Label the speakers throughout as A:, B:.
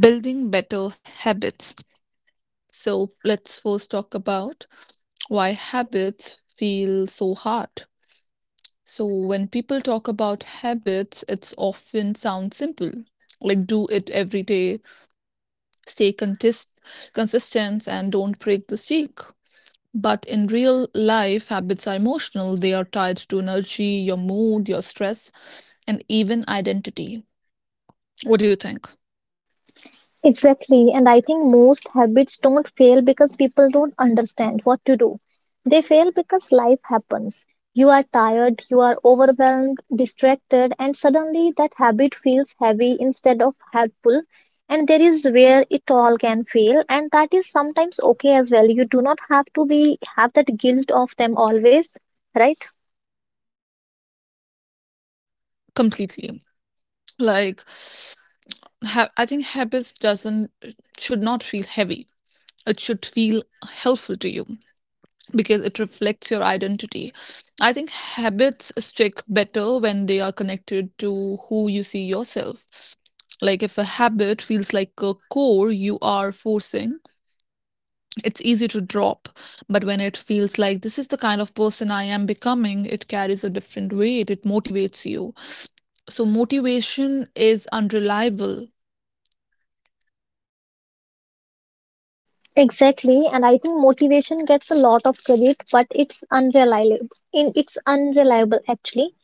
A: building better habits. So, let's first talk about why habits feel so hard. So, when people talk about habits, it's often sounds simple like do it every day, stay consist- consistent, and don't break the streak. But in real life, habits are emotional. They are tied to energy, your mood, your stress, and even identity. What do you think?
B: Exactly. And I think most habits don't fail because people don't understand what to do. They fail because life happens. You are tired, you are overwhelmed, distracted, and suddenly that habit feels heavy instead of helpful. And there is where it all can fail, and that is sometimes okay as well. You do not have to be have that guilt of them always, right?
A: Completely. Like, I think habits doesn't should not feel heavy. It should feel helpful to you because it reflects your identity. I think habits stick better when they are connected to who you see yourself. Like, if a habit feels like a core you are forcing, it's easy to drop. But when it feels like this is the kind of person I am becoming, it carries a different weight. It motivates you. So, motivation is unreliable.
B: Exactly, and I think motivation gets a lot of credit, but it's unreliable. In it's unreliable actually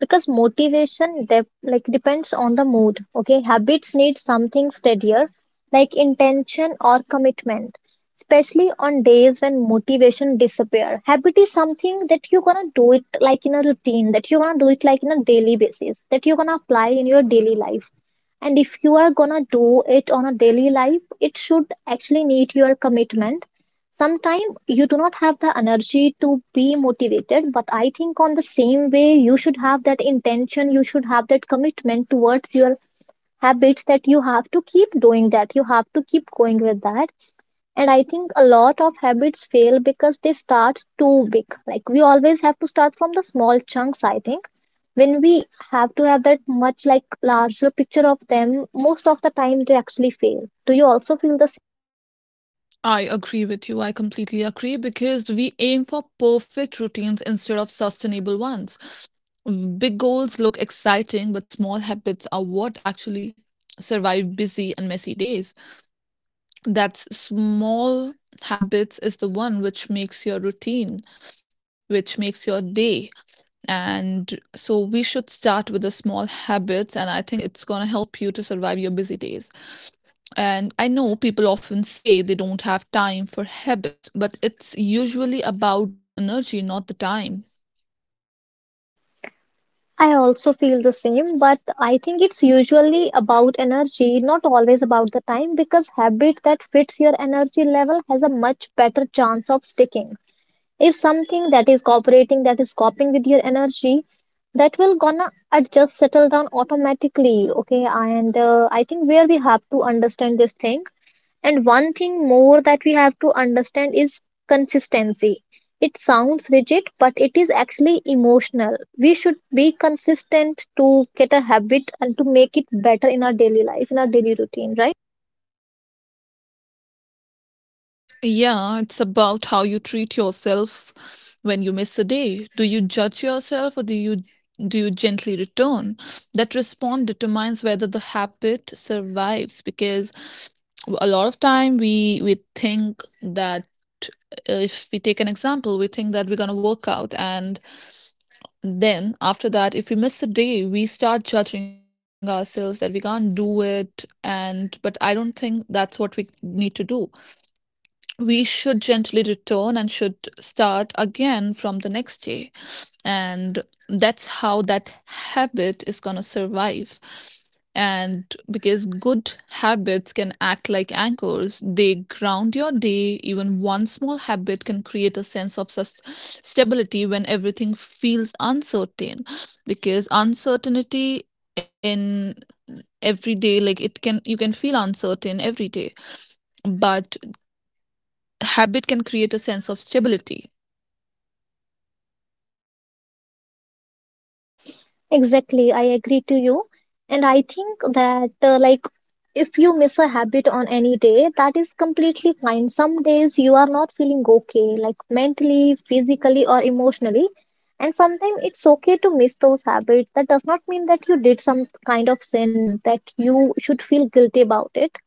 B: because motivation dep like depends on the mood. Okay, habits need something steadier, like intention or commitment, especially on days when motivation disappear. Habit is something that you're gonna do it like in a routine, that you're gonna do it like in a daily basis, that you're gonna apply in your daily life. And if you are gonna do it on a daily life, it should actually need your commitment. Sometimes you do not have the energy to be motivated, but I think on the same way, you should have that intention, you should have that commitment towards your habits, that you have to keep doing that, you have to keep going with that. And I think a lot of habits fail because they start too big. Like we always have to start from the small chunks, I think when we have to have that much like larger picture of them, most of the time they actually fail. Do you also feel the
A: I agree with you. I completely agree because we aim for perfect routines instead of sustainable ones. Big goals look exciting, but small habits are what actually survive busy and messy days. That small habits is the one which makes your routine, which makes your day. And so we should start with the small habits, and I think it's going to help you to survive your busy days. And I know people often say they don't have time for habits, but it's usually about the energy, not the time.
B: I also feel the same, but I think it's usually about energy, not always about the time, because habit that fits your energy level has a much better chance of sticking. If something that is cooperating, that is coping with your energy, that will gonna adjust, settle down automatically. Okay, and I think where we have to understand this thing, and one thing more that we have to understand is consistency. It sounds rigid, but it is actually emotional. We should be consistent to get a habit and to make it better in our daily life, in our daily routine, right?
A: Yeah, it's about how you treat yourself when you miss a day. Do you judge yourself or do you gently return? That response determines whether the habit survives because a lot of time we think that if we take an example, we think that we're going to work out and then after that if we miss a day we start judging ourselves that we can't do it and but I don't think that's what we need to do. We should gently return and should start again from the next day. And that's how that habit is going to survive. And because good habits can act like anchors, they ground your day. Even one small habit can create a sense of stability when everything feels uncertain. Because uncertainty in every day, like it can, you can feel uncertain every day, but habit can create a sense of stability.
B: Exactly, I agree to you. And I think that, like, if you miss a habit on any day, that is completely fine. Some days you are not feeling okay, like mentally, physically, or emotionally. And sometimes it's okay to miss those habits. That does not mean that you did some kind of sin that you should feel guilty about it.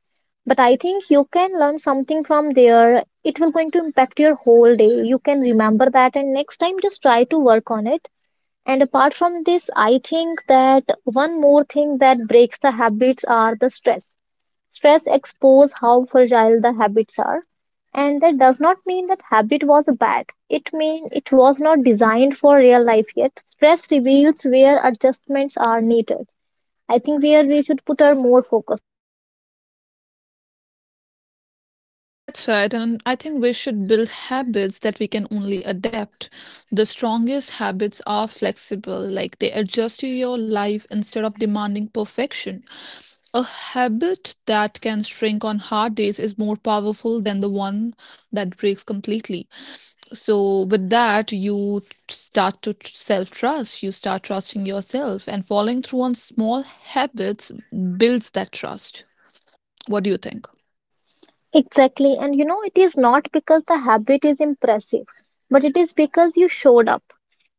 B: But I think you can learn something from there. It will going to impact your whole day. You can remember that, and next time just try to work on it. And apart from this, I think that one more thing that breaks the habits are the stress. Stress expose how fragile the habits are. And that does not mean that habit was bad. It means it was not designed for real life yet. Stress reveals where adjustments are needed. I think where we should put our more focus.
A: That's right, and I think we should build habits that we can only adapt. The strongest habits are flexible, like they adjust to your life instead of demanding perfection. A habit that can shrink on hard days is more powerful than the one that breaks completely. So, with that, you start to self trust, you start trusting yourself, and following through on small habits builds that trust. What do you think?
B: Exactly. And you know, it is not because the habit is impressive, but it is because you showed up.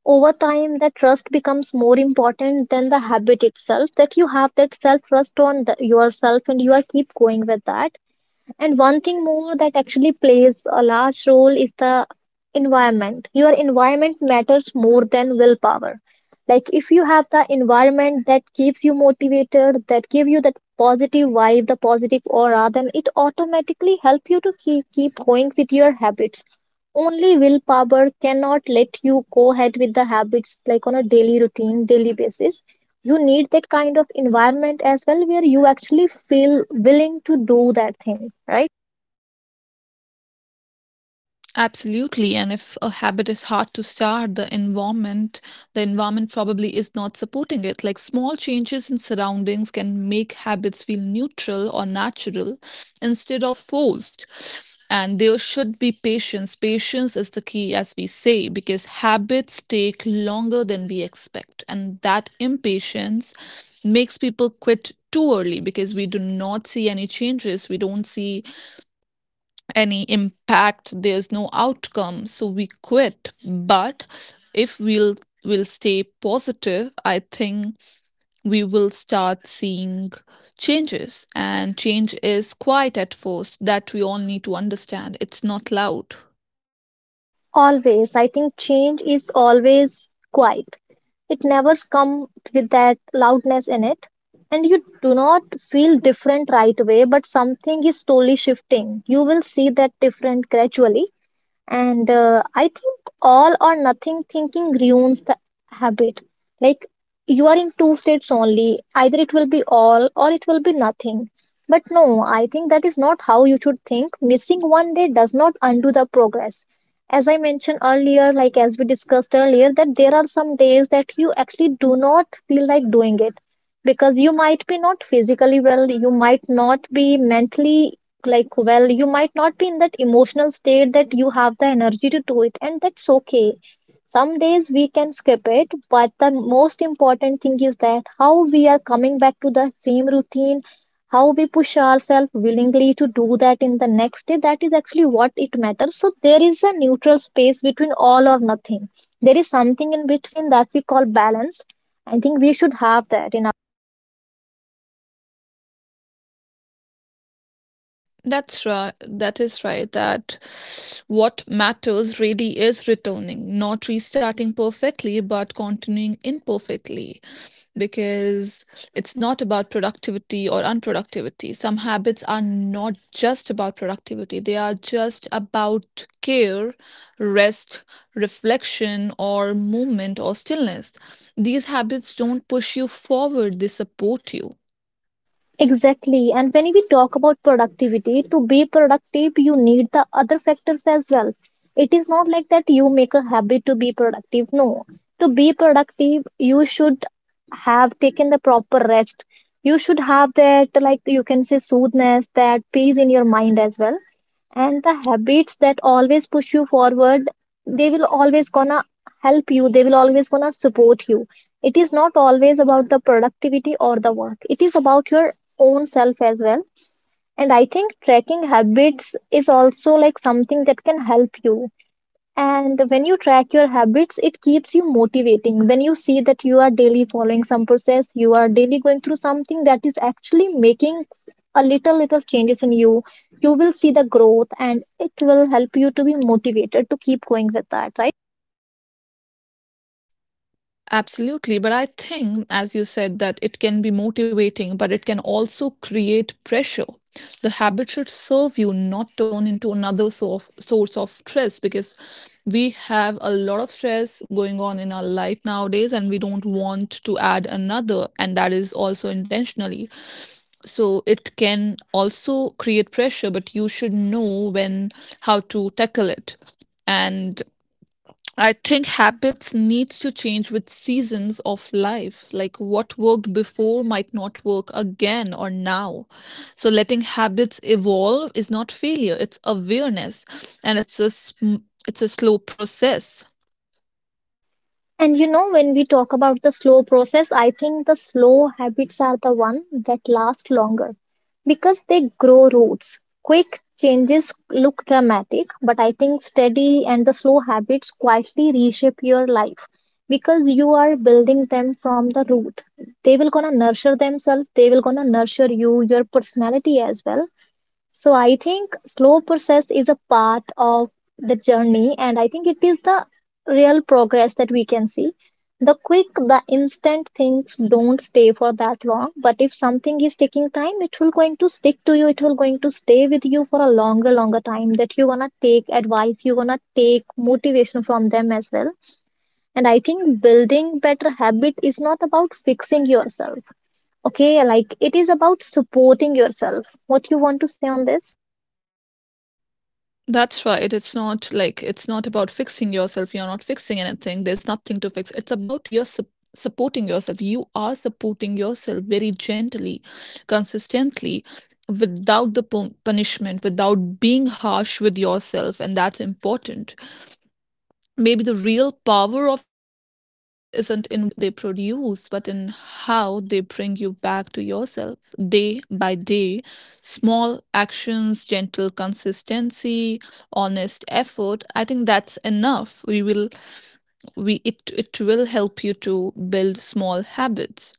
B: Over time, that trust becomes more important than the habit itself, that you have that self trust on the, yourself, and you are keep going with that. And one thing more that actually plays a large role is the environment. Your environment matters more than willpower. Like if you have the environment that keeps you motivated, that give you that positive vibe, the positive aura, then it automatically help you to keep going with your habits. Only willpower cannot let you go ahead with the habits like on a daily routine, daily basis. You need that kind of environment as well where you actually feel willing to do that thing, right?
A: Absolutely, and if a habit is hard to start, the environment probably is not supporting it. Like small changes in surroundings can make habits feel neutral or natural instead of forced. And there should be patience. Patience is the key, as we say, because habits take longer than we expect. And that impatience makes people quit too early because we do not see any changes. We don't see any impact, there's no outcome, so we quit. But if we'll will stay positive, I think we will start seeing changes. And change is quiet at first, that we all need to understand. It's not loud.
B: Always. I think change is always quiet. It never comes with that loudness in it. And you do not feel different right away, but something is slowly shifting. You will see that different gradually. And I think all or nothing thinking ruins the habit. Like you are in two states only, either it will be all or it will be nothing. But no, I think that is not how you should think. Missing one day does not undo the progress. As I mentioned earlier, like as we discussed earlier, that there are some days that you actually do not feel like doing it, because you might be not physically well, you might not be mentally, like well, you might not be in that emotional state, that you have the energy to do it, and that's okay. Some days we can skip it, but the most important thing is that how we are coming back to the same routine, how we push ourselves willingly to do that in the next day. That is actually what it matters. So there is a neutral space between all or nothing. There is something in between that we call balance. I think we should have that in
A: That's right. That is right. That what matters really is returning, not restarting perfectly, but continuing imperfectly. Because it's not about productivity or unproductivity. Some habits are not just about productivity, they are just about care, rest, reflection, or movement or stillness. These habits don't push you forward, they support you.
B: Exactly. And when we talk about productivity, to be productive, you need the other factors as well. It is not like that you make a habit to be productive. No. To be productive, you should have taken the proper rest. You should have that, like you can say, soothness, that peace in your mind as well. And the habits that always push you forward, they will always gonna help you. They will always gonna support you. It is not always about the productivity or the work. It is about your own self as well. And I think tracking habits is also like something that can help you. And when you track your habits, it keeps you motivating. When you see that you are daily following some process, you are daily going through something that is actually making a little little changes in you, you will see the growth, and it will help you to be motivated to keep going with that, right?
A: Absolutely. But I think, as you said, that it can be motivating, but it can also create pressure. The habit should serve you, not turn into another source of stress because we have a lot of stress going on in our life nowadays and we don't want to add another, and that is also intentionally. So it can also create pressure, but you should know when how to tackle it. And I think habits needs to change with seasons of life. Like what worked before might not work again or now. So letting habits evolve is not failure, it's awareness and it's a slow process.
B: And you know, when we talk about the slow process, I think the slow habits are the one that last longer because they grow roots. Quick changes look dramatic, but I think steady and the slow habits quietly reshape your life, because you are building them from the root. They will gonna nurture themselves, they will gonna nurture you, your personality as well. So I think slow process is a part of the journey, and I think it is the real progress that we can see. The quick, the instant things don't stay for that long, but if something is taking time, it will going to stick to you. It will going to stay with you for a longer, longer time. That you gonna take advice, you gonna take motivation from them as well. And I think building better habit is not about fixing yourself. Okay, like it is about supporting yourself. What you want to say on this?
A: That's right. It's not like it's not about fixing yourself. You're not fixing anything. There's nothing to fix. It's about supporting yourself. You are supporting yourself very gently, consistently, without the punishment, without being harsh with yourself, and that's important. Maybe the real power of habits isn't in what they produce, but in how they bring you back to yourself day by day. Small actions, gentle consistency, honest effort. I think that's enough. We it will help you to build small habits.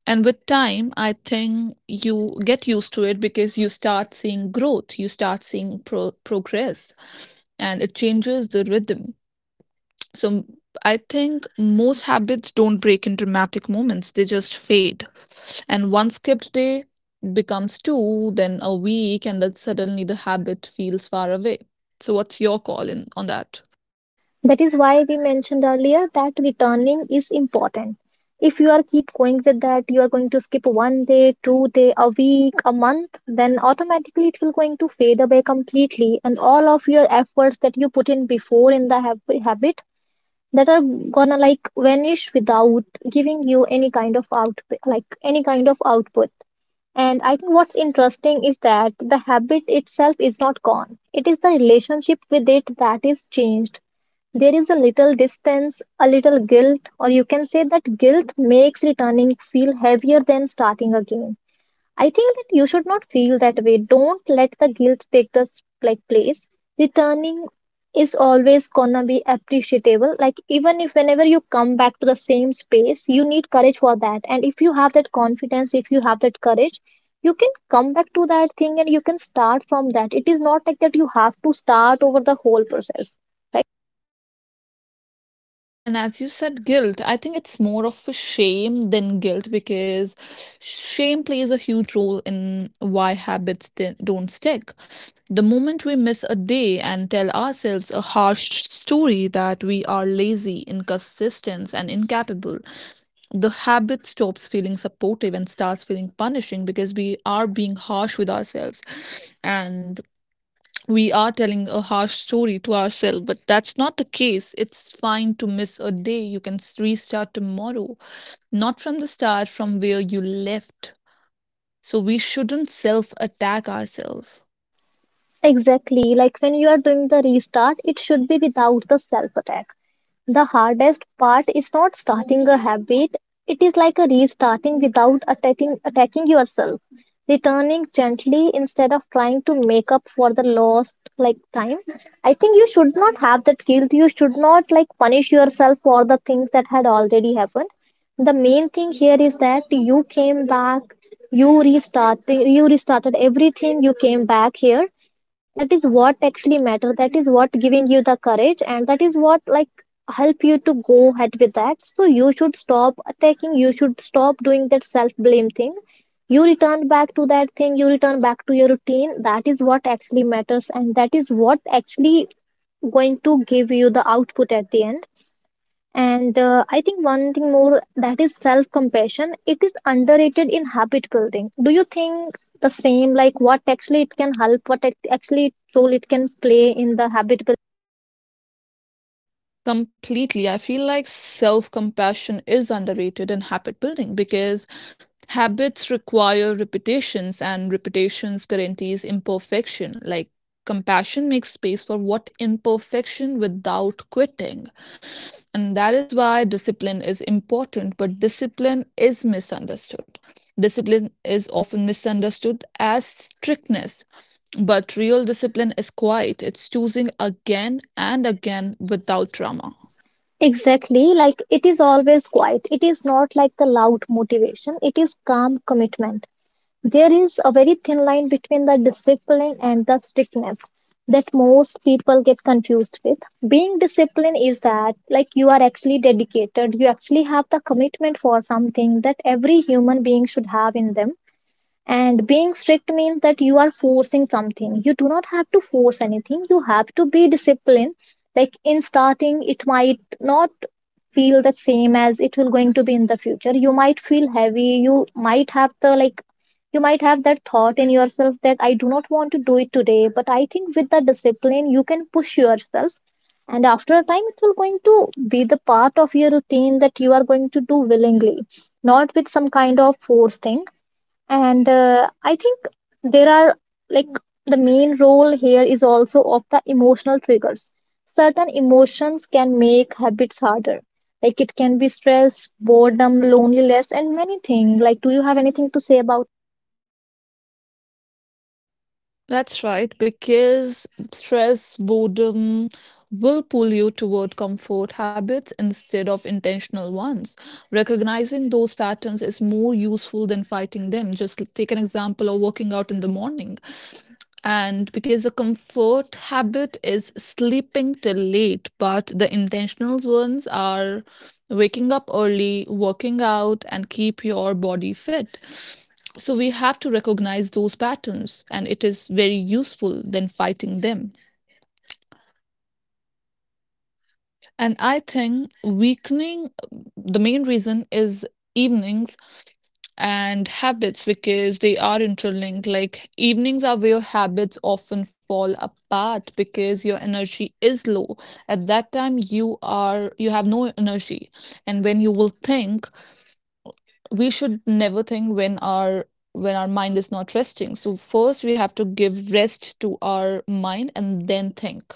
A: And with time, I think you get used to it because you start seeing growth, you start seeing progress, and it changes the rhythm. So I think most habits don't break in dramatic moments, they just fade. And one skipped day becomes two, then a week, and then suddenly the habit feels far away. So, what's your call in on that?
B: That is why we mentioned earlier that returning is important. If you are keep going with that, you are going to skip one day, two day, a week, a month, then automatically it will going to fade away completely, and all of your efforts that you put in before in the habit that are gonna like vanish without giving you any kind of output, like any kind of output. And I think what's interesting is that the habit itself is not gone. It is the relationship with it that is changed. There is a little distance, a little guilt, or you can say that guilt makes returning feel heavier than starting again. I think that you should not feel that way. Don't let the guilt take the s- like place. Returning is always gonna be appreciable. Like even if whenever you come back to the same space, you need courage for that. And if you have that confidence, if you have that courage, you can come back to that thing and you can start from that. It is not like that you have to start over the whole process
A: And as you said, guilt, I think it's more of a shame than guilt because shame plays a huge role in why habits don't stick. The moment we miss a day and tell ourselves a harsh story that we are lazy, inconsistent, and incapable, the habit stops feeling supportive and starts feeling punishing because we are being harsh with ourselves. And we are telling a harsh story to ourselves, but that's not the case. It's fine to miss a day. You can restart tomorrow, not from the start, from where you left. So we shouldn't self attack ourselves.
B: Exactly. Like when you are doing the restart, it should be without the self attack. The hardest part is not starting a habit, it is like a restarting without attacking yourself. Returning gently instead of trying to make up for the lost like time. I think you should not have that guilt. You should not like punish yourself for the things that had already happened. The main thing here is that you came back, you restarted everything, you came back here, that is what actually matter, that is what giving you the courage, and that is what like help you to go ahead with that. So you should stop attacking, you should stop doing that self blame thing. You return back to that thing, you return back to your routine. That is what actually matters and that is what actually going to give you the output at the end. And I think one thing more, that is self compassion. It is underrated in habit building. Do you think the same, like what actually it can help, what it actually role it can play in the habit building?
A: Completely. I feel like self compassion is underrated in habit building because habits require repetitions and repetitions guarantees imperfection. Like compassion makes space for what imperfection without quitting. And that is why discipline is important, but discipline is misunderstood. Discipline is often misunderstood as strictness, but real discipline is quiet. It's choosing again and again without drama.
B: Exactly. Like it is always quiet. It is not like the loud motivation, it is calm commitment. There is a very thin line between the discipline and the strictness that most people get confused with. Being disciplined is that, like, you are actually dedicated, you actually have the commitment for something that every human being should have in them. And being strict means that you are forcing something. You do not have to force anything. You have to be disciplined. Like in starting, it might not feel the same as it will going to be in the future. You might feel heavy. You might have the like you might have that thought in yourself that I do not want to do it today. But I think with the discipline you can push yourself. And after a time it will going to be the part of your routine that you are going to do willingly, not with some kind of force thing. And uh, i think there are, like, the main role here is also of the emotional triggers. Certain emotions can make habits harder, like it can be stress, boredom, loneliness, and many things. Like, do you have anything to say about?
A: That's right, because stress, boredom will pull you toward comfort habits instead of intentional ones. Recognizing those patterns is more useful than fighting them. Just take an example of working out in the morning. And because the comfort habit is sleeping till late, but the intentional ones are waking up early, working out, and keep your body fit. So we have to recognize those patterns, and it is very useful than fighting them. And I think weakening the main reason is evenings and habits because they are interlinked. Like evenings are where habits often fall apart because your energy is low. At that time you have no energy. And when you will think, we should never think when our mind is not resting, so first we have to give rest to our mind and then think.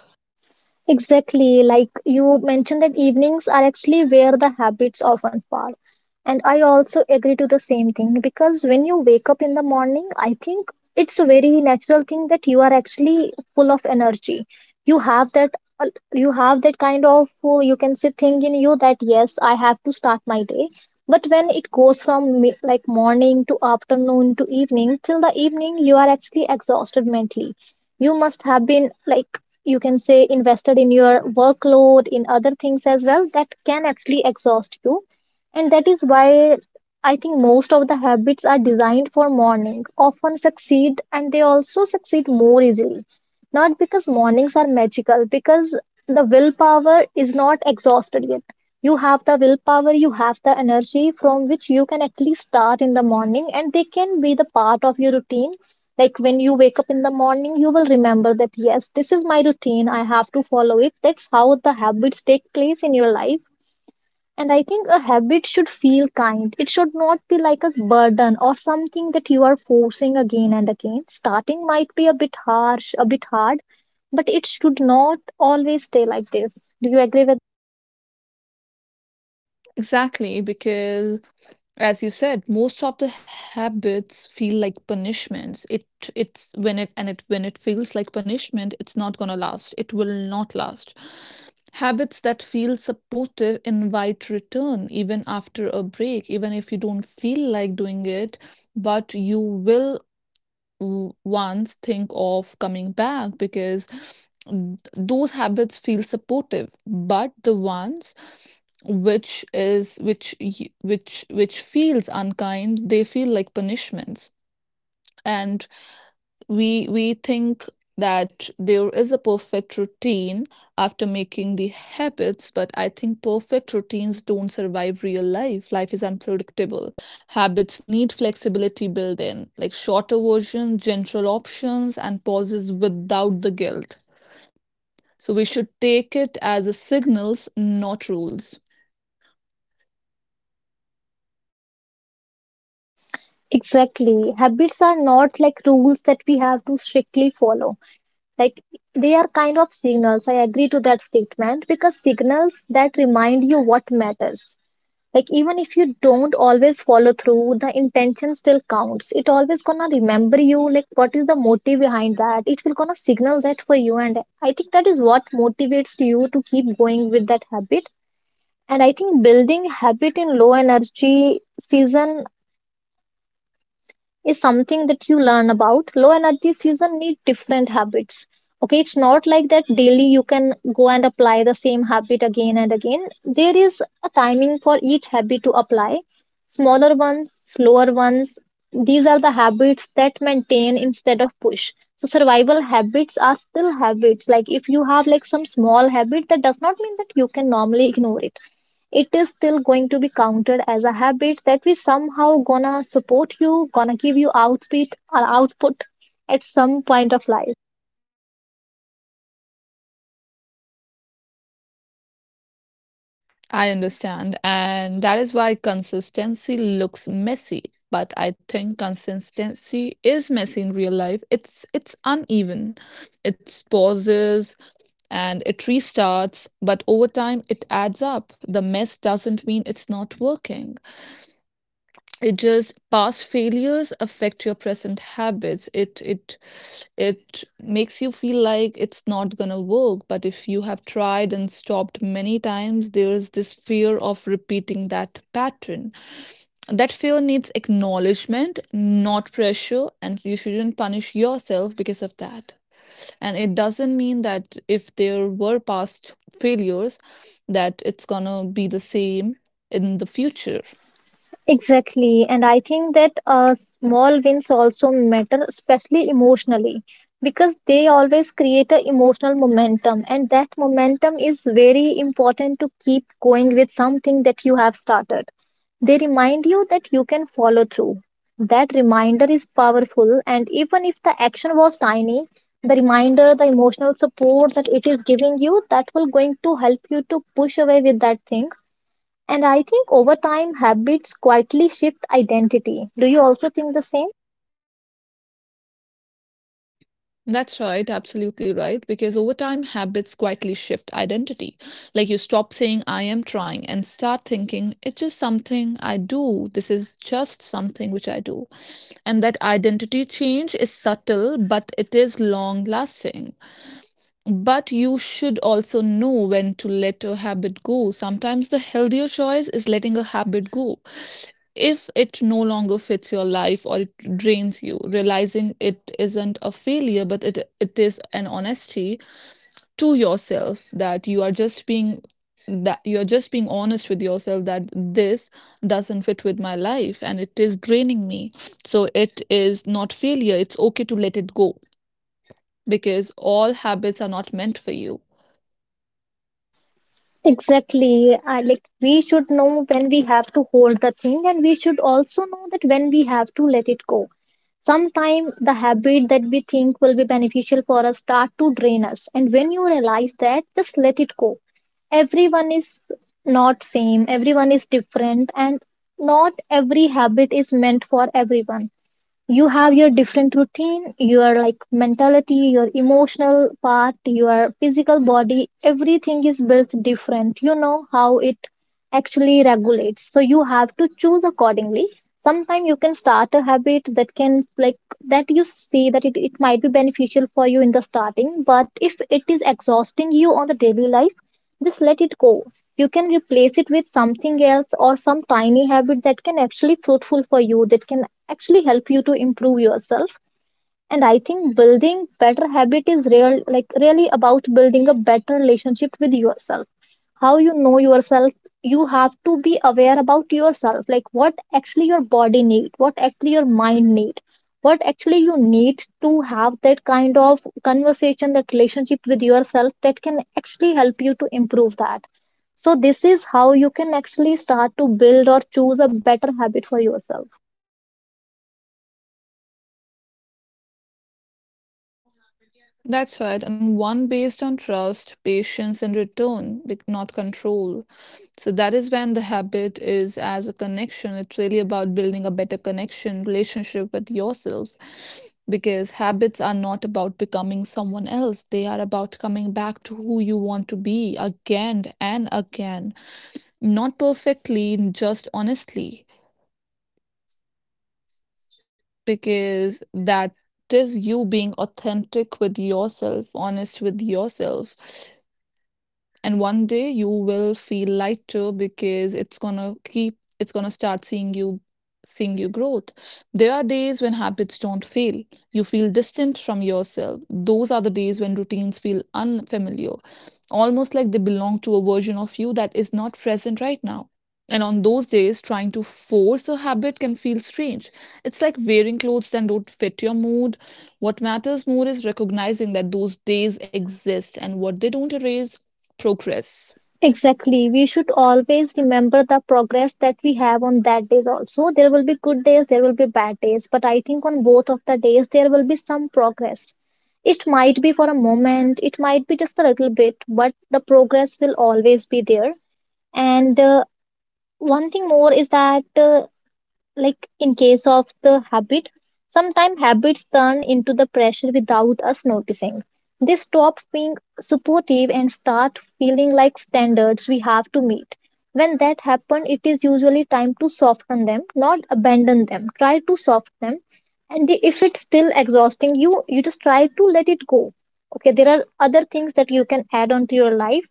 B: Exactly, like you mentioned that evenings are actually where the habits often fall. And I also agree to the same thing because when you wake up in the morning, I think it's a very natural thing that you are actually full of energy. You have that uh, you have that kind of you can say thing in you that yes, I have to start my day. But when it goes from like morning to afternoon to evening till the evening, you are actually exhausted mentally. You must have been like, you can say, invested in your workload, in other things as well, that can actually exhaust you, and that is why I think most of the habits are designed for morning often succeed, and they also succeed more easily, not because mornings are magical, because the willpower is not exhausted yet. You have the willpower, you have the energy from which you can actually start in the morning, and they can be the part of your routine. Like when you wake up in the morning, you will remember that, yes, this is my routine. I have to follow it. That's how the habits take place in your life. And I think a habit should feel kind. It should not be like a burden or something that you are forcing again and again. Starting might be a bit harsh, a bit hard, but it should not always stay like this. Do you agree with?
A: Exactly, because as you said, most of the habits feel like punishments. It it's when it and it When it feels like punishment, it's not going to last. It will not last. Habits that feel supportive invite return even after a break, even if you don't feel like doing it, but you will once think of coming back. Because those habits feel supportive, but the ones which is which y- which which feels unkind, they feel like punishments. And we think that there is a perfect routine after making the habits, but I think perfect routines don't survive real life. Life is unpredictable. Habits need flexibility built in, like shorter versions, general options, and pauses without the guilt. So we should take it as a signals, not rules.
B: Exactly. Habits are not like rules that we have to strictly follow. Like, they are kind of signals. I agree to that statement, because signals that remind you what matters, like even if you don't always follow through, the intention still counts. It always gonna remember you, like what is the motive behind that. It will gonna signal that for you, and I think that is what motivates you to keep going with that habit. And I think building habit in low energy season is something that you learn about. Low energy season need different habits. Okay, it's not like that daily you can go and apply the same habit again and again. There is a timing for each habit to apply. Smaller ones, slower ones, these are the habits that maintain instead of push. So survival habits are still habits. Like if you have like some small habit, that does not mean that you can normally ignore it. It is still going to be counted as a habit that we somehow gonna support, you gonna give you output, or output, at some point of life.
A: I understand. And that is why consistency looks messy. But I think consistency is messy in real life. It's uneven. It pauses and it restarts, but over time it adds up. The mess doesn't mean it's not working. It just past failures affect your present habits. It makes you feel like it's not going to work, but if you have tried and stopped many times, there is this fear of repeating that pattern. That fear needs acknowledgement, not pressure, and you shouldn't punish yourself because of that. And it doesn't mean that if there were past failures that it's going to be the same in the future.
B: Exactly, and I think that small wins also matter, especially emotionally, because they always create a emotional momentum, and that momentum is very important to keep going with something that you have started. They remind you that you can follow through. That reminder is powerful, and even if the action was tiny, the reminder, the emotional support that it is giving you, that will going to help you to push away with that thing. And I think over time, habits quietly shift identity. Do you also think the same?
A: That's right, absolutely right. Because over time, habits quietly shift identity. Like you stop saying, I am trying, and start thinking, it's just something I do. This is just something which I do. And that identity change is subtle, but it is long lasting. But you should also know when to let a habit go. Sometimes the healthier choice is letting a habit go if it no longer fits your life or it drains you. Realizing it isn't a failure but it is an honesty to yourself, that you are just being, honest with yourself that this doesn't fit with my life and it is draining me. So it is not failure, it's okay to let it go, because all habits are not meant for you.
B: Exactly. I like we should know when we have to hold the thing, and we should also know that when we have to let it go. Sometime the habit that we think will be beneficial for us start to drain us, and when you realize that, just let it go. Everyone is not same. Everyone is different, and not every habit is meant for everyone. You have your different routine, your like mentality, your emotional part, your physical body, everything is built different. You know how it actually regulates, so you have to choose accordingly. Sometimes you can start a habit that can like, that you see that it might be beneficial for you in the starting, but if it is exhausting you on the daily life, just let it go. You can replace it with something else, or some tiny habit that can actually fruitful for you, that can actually help you to improve yourself. And I think building better habit is real, like really about building a better relationship with yourself. How you know yourself. You have to be aware about yourself, like what actually your body need, what actually your mind need, what actually you need, to have that kind of conversation, that relationship with yourself that can actually help you to improve that. So this is how you can actually start to build or choose a better habit for yourself.
A: That's right, and one based on trust, patience, and return, not control. So that is when the habit is as a connection. It's really about building a better connection, relationship with yourself, because habits are not about becoming someone else. They are about coming back to who you want to be again and again, not perfectly, just honestly, because that is you being authentic with yourself, honest with yourself. And one day you will feel lighter because it's gonna start seeing you growth. There are days when habits don't fail, you feel distant from yourself. Those are the days when routines feel unfamiliar, almost like they belong to a version of you that is not present right now. And on those days, trying to force a habit can feel strange. It's like wearing clothes that don't fit your mood. What matters more is recognizing that those days exist and what they don't erase progress.
B: Exactly. We should always remember the progress that we have on that days also. There will be good days, there will be bad days, but I think on both of the days there will be some progress. It might be for a moment, it might be just a little bit, but the progress will always be there. And one thing more is that like in case of the habit, sometimes habits turn into the pressure without us noticing. They stop being supportive and start feeling like standards we have to meet. When that happens, it is usually time to soften them, not abandon them. Try to soften them, and if it's still exhausting you, you just try to let it go. Okay, there are other things that you can add on to your life.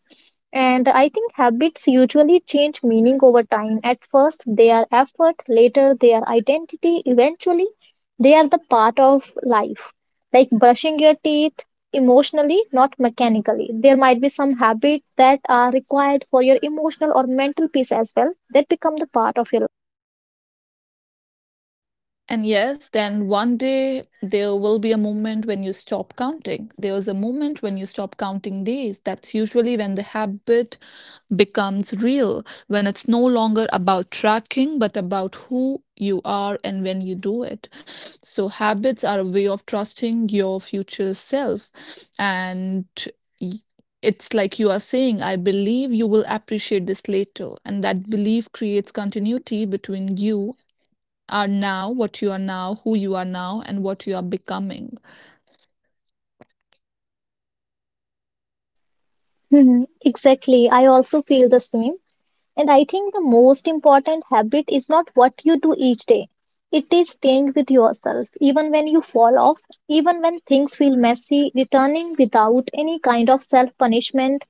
B: And I think habits usually change meaning over time. At first, they are effort, later, they are identity, eventually, they are the part of life. Like brushing your teeth emotionally, not mechanically. There might be some habits that are required for your emotional or mental peace as well that become the part of your life.
A: And yes, then one day there will be a moment when you stop counting. There is a moment when you stop counting days. That's usually when the habit becomes real, when it's no longer about tracking, but about who you are and when you do it. So, habits are a way of trusting your future self. And y- it's like you are saying, I believe you will appreciate this later. And that belief creates continuity between what you are now, who you are now, and what you are becoming.
B: Mhm. Exactly. I also feel the same. And I think the most important habit is not what you do each day. It is staying with yourself, even when you fall off, even when things feel messy, returning without any kind of self punishment,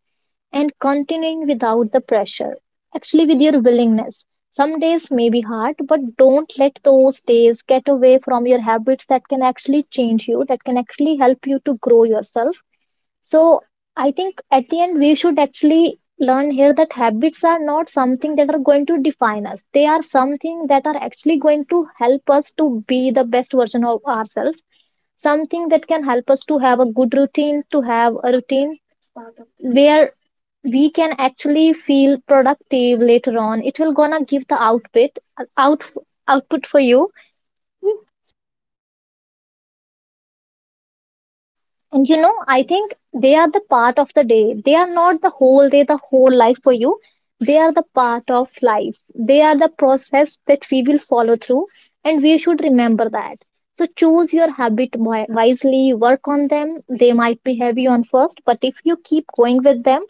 B: and continuing without the pressure. Actually, with your willingness. Some days may be hard, but don't let those days get away from your habits that can actually change you, that can actually help you to grow yourself. So I think at the end we should actually learn here that habits are not something that are going to define us. They are something that are actually going to help us to be the best version of ourselves. Something that can help us to have a good routine, to have a routine where we can actually feel productive later on. It will gonna give the output, out, output for you. And you know, I think they are the part of the day. They are not the whole day, the whole life for you. They are the part of life. They are the process that we will follow through, and we should remember that. So choose your habit wisely, work on them. They might be heavy on first, but if you keep going with them,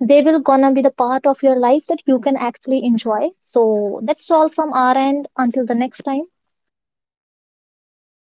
B: they will gonna be the part of your life that you can actually enjoy. So that's all from our end. Until the next time.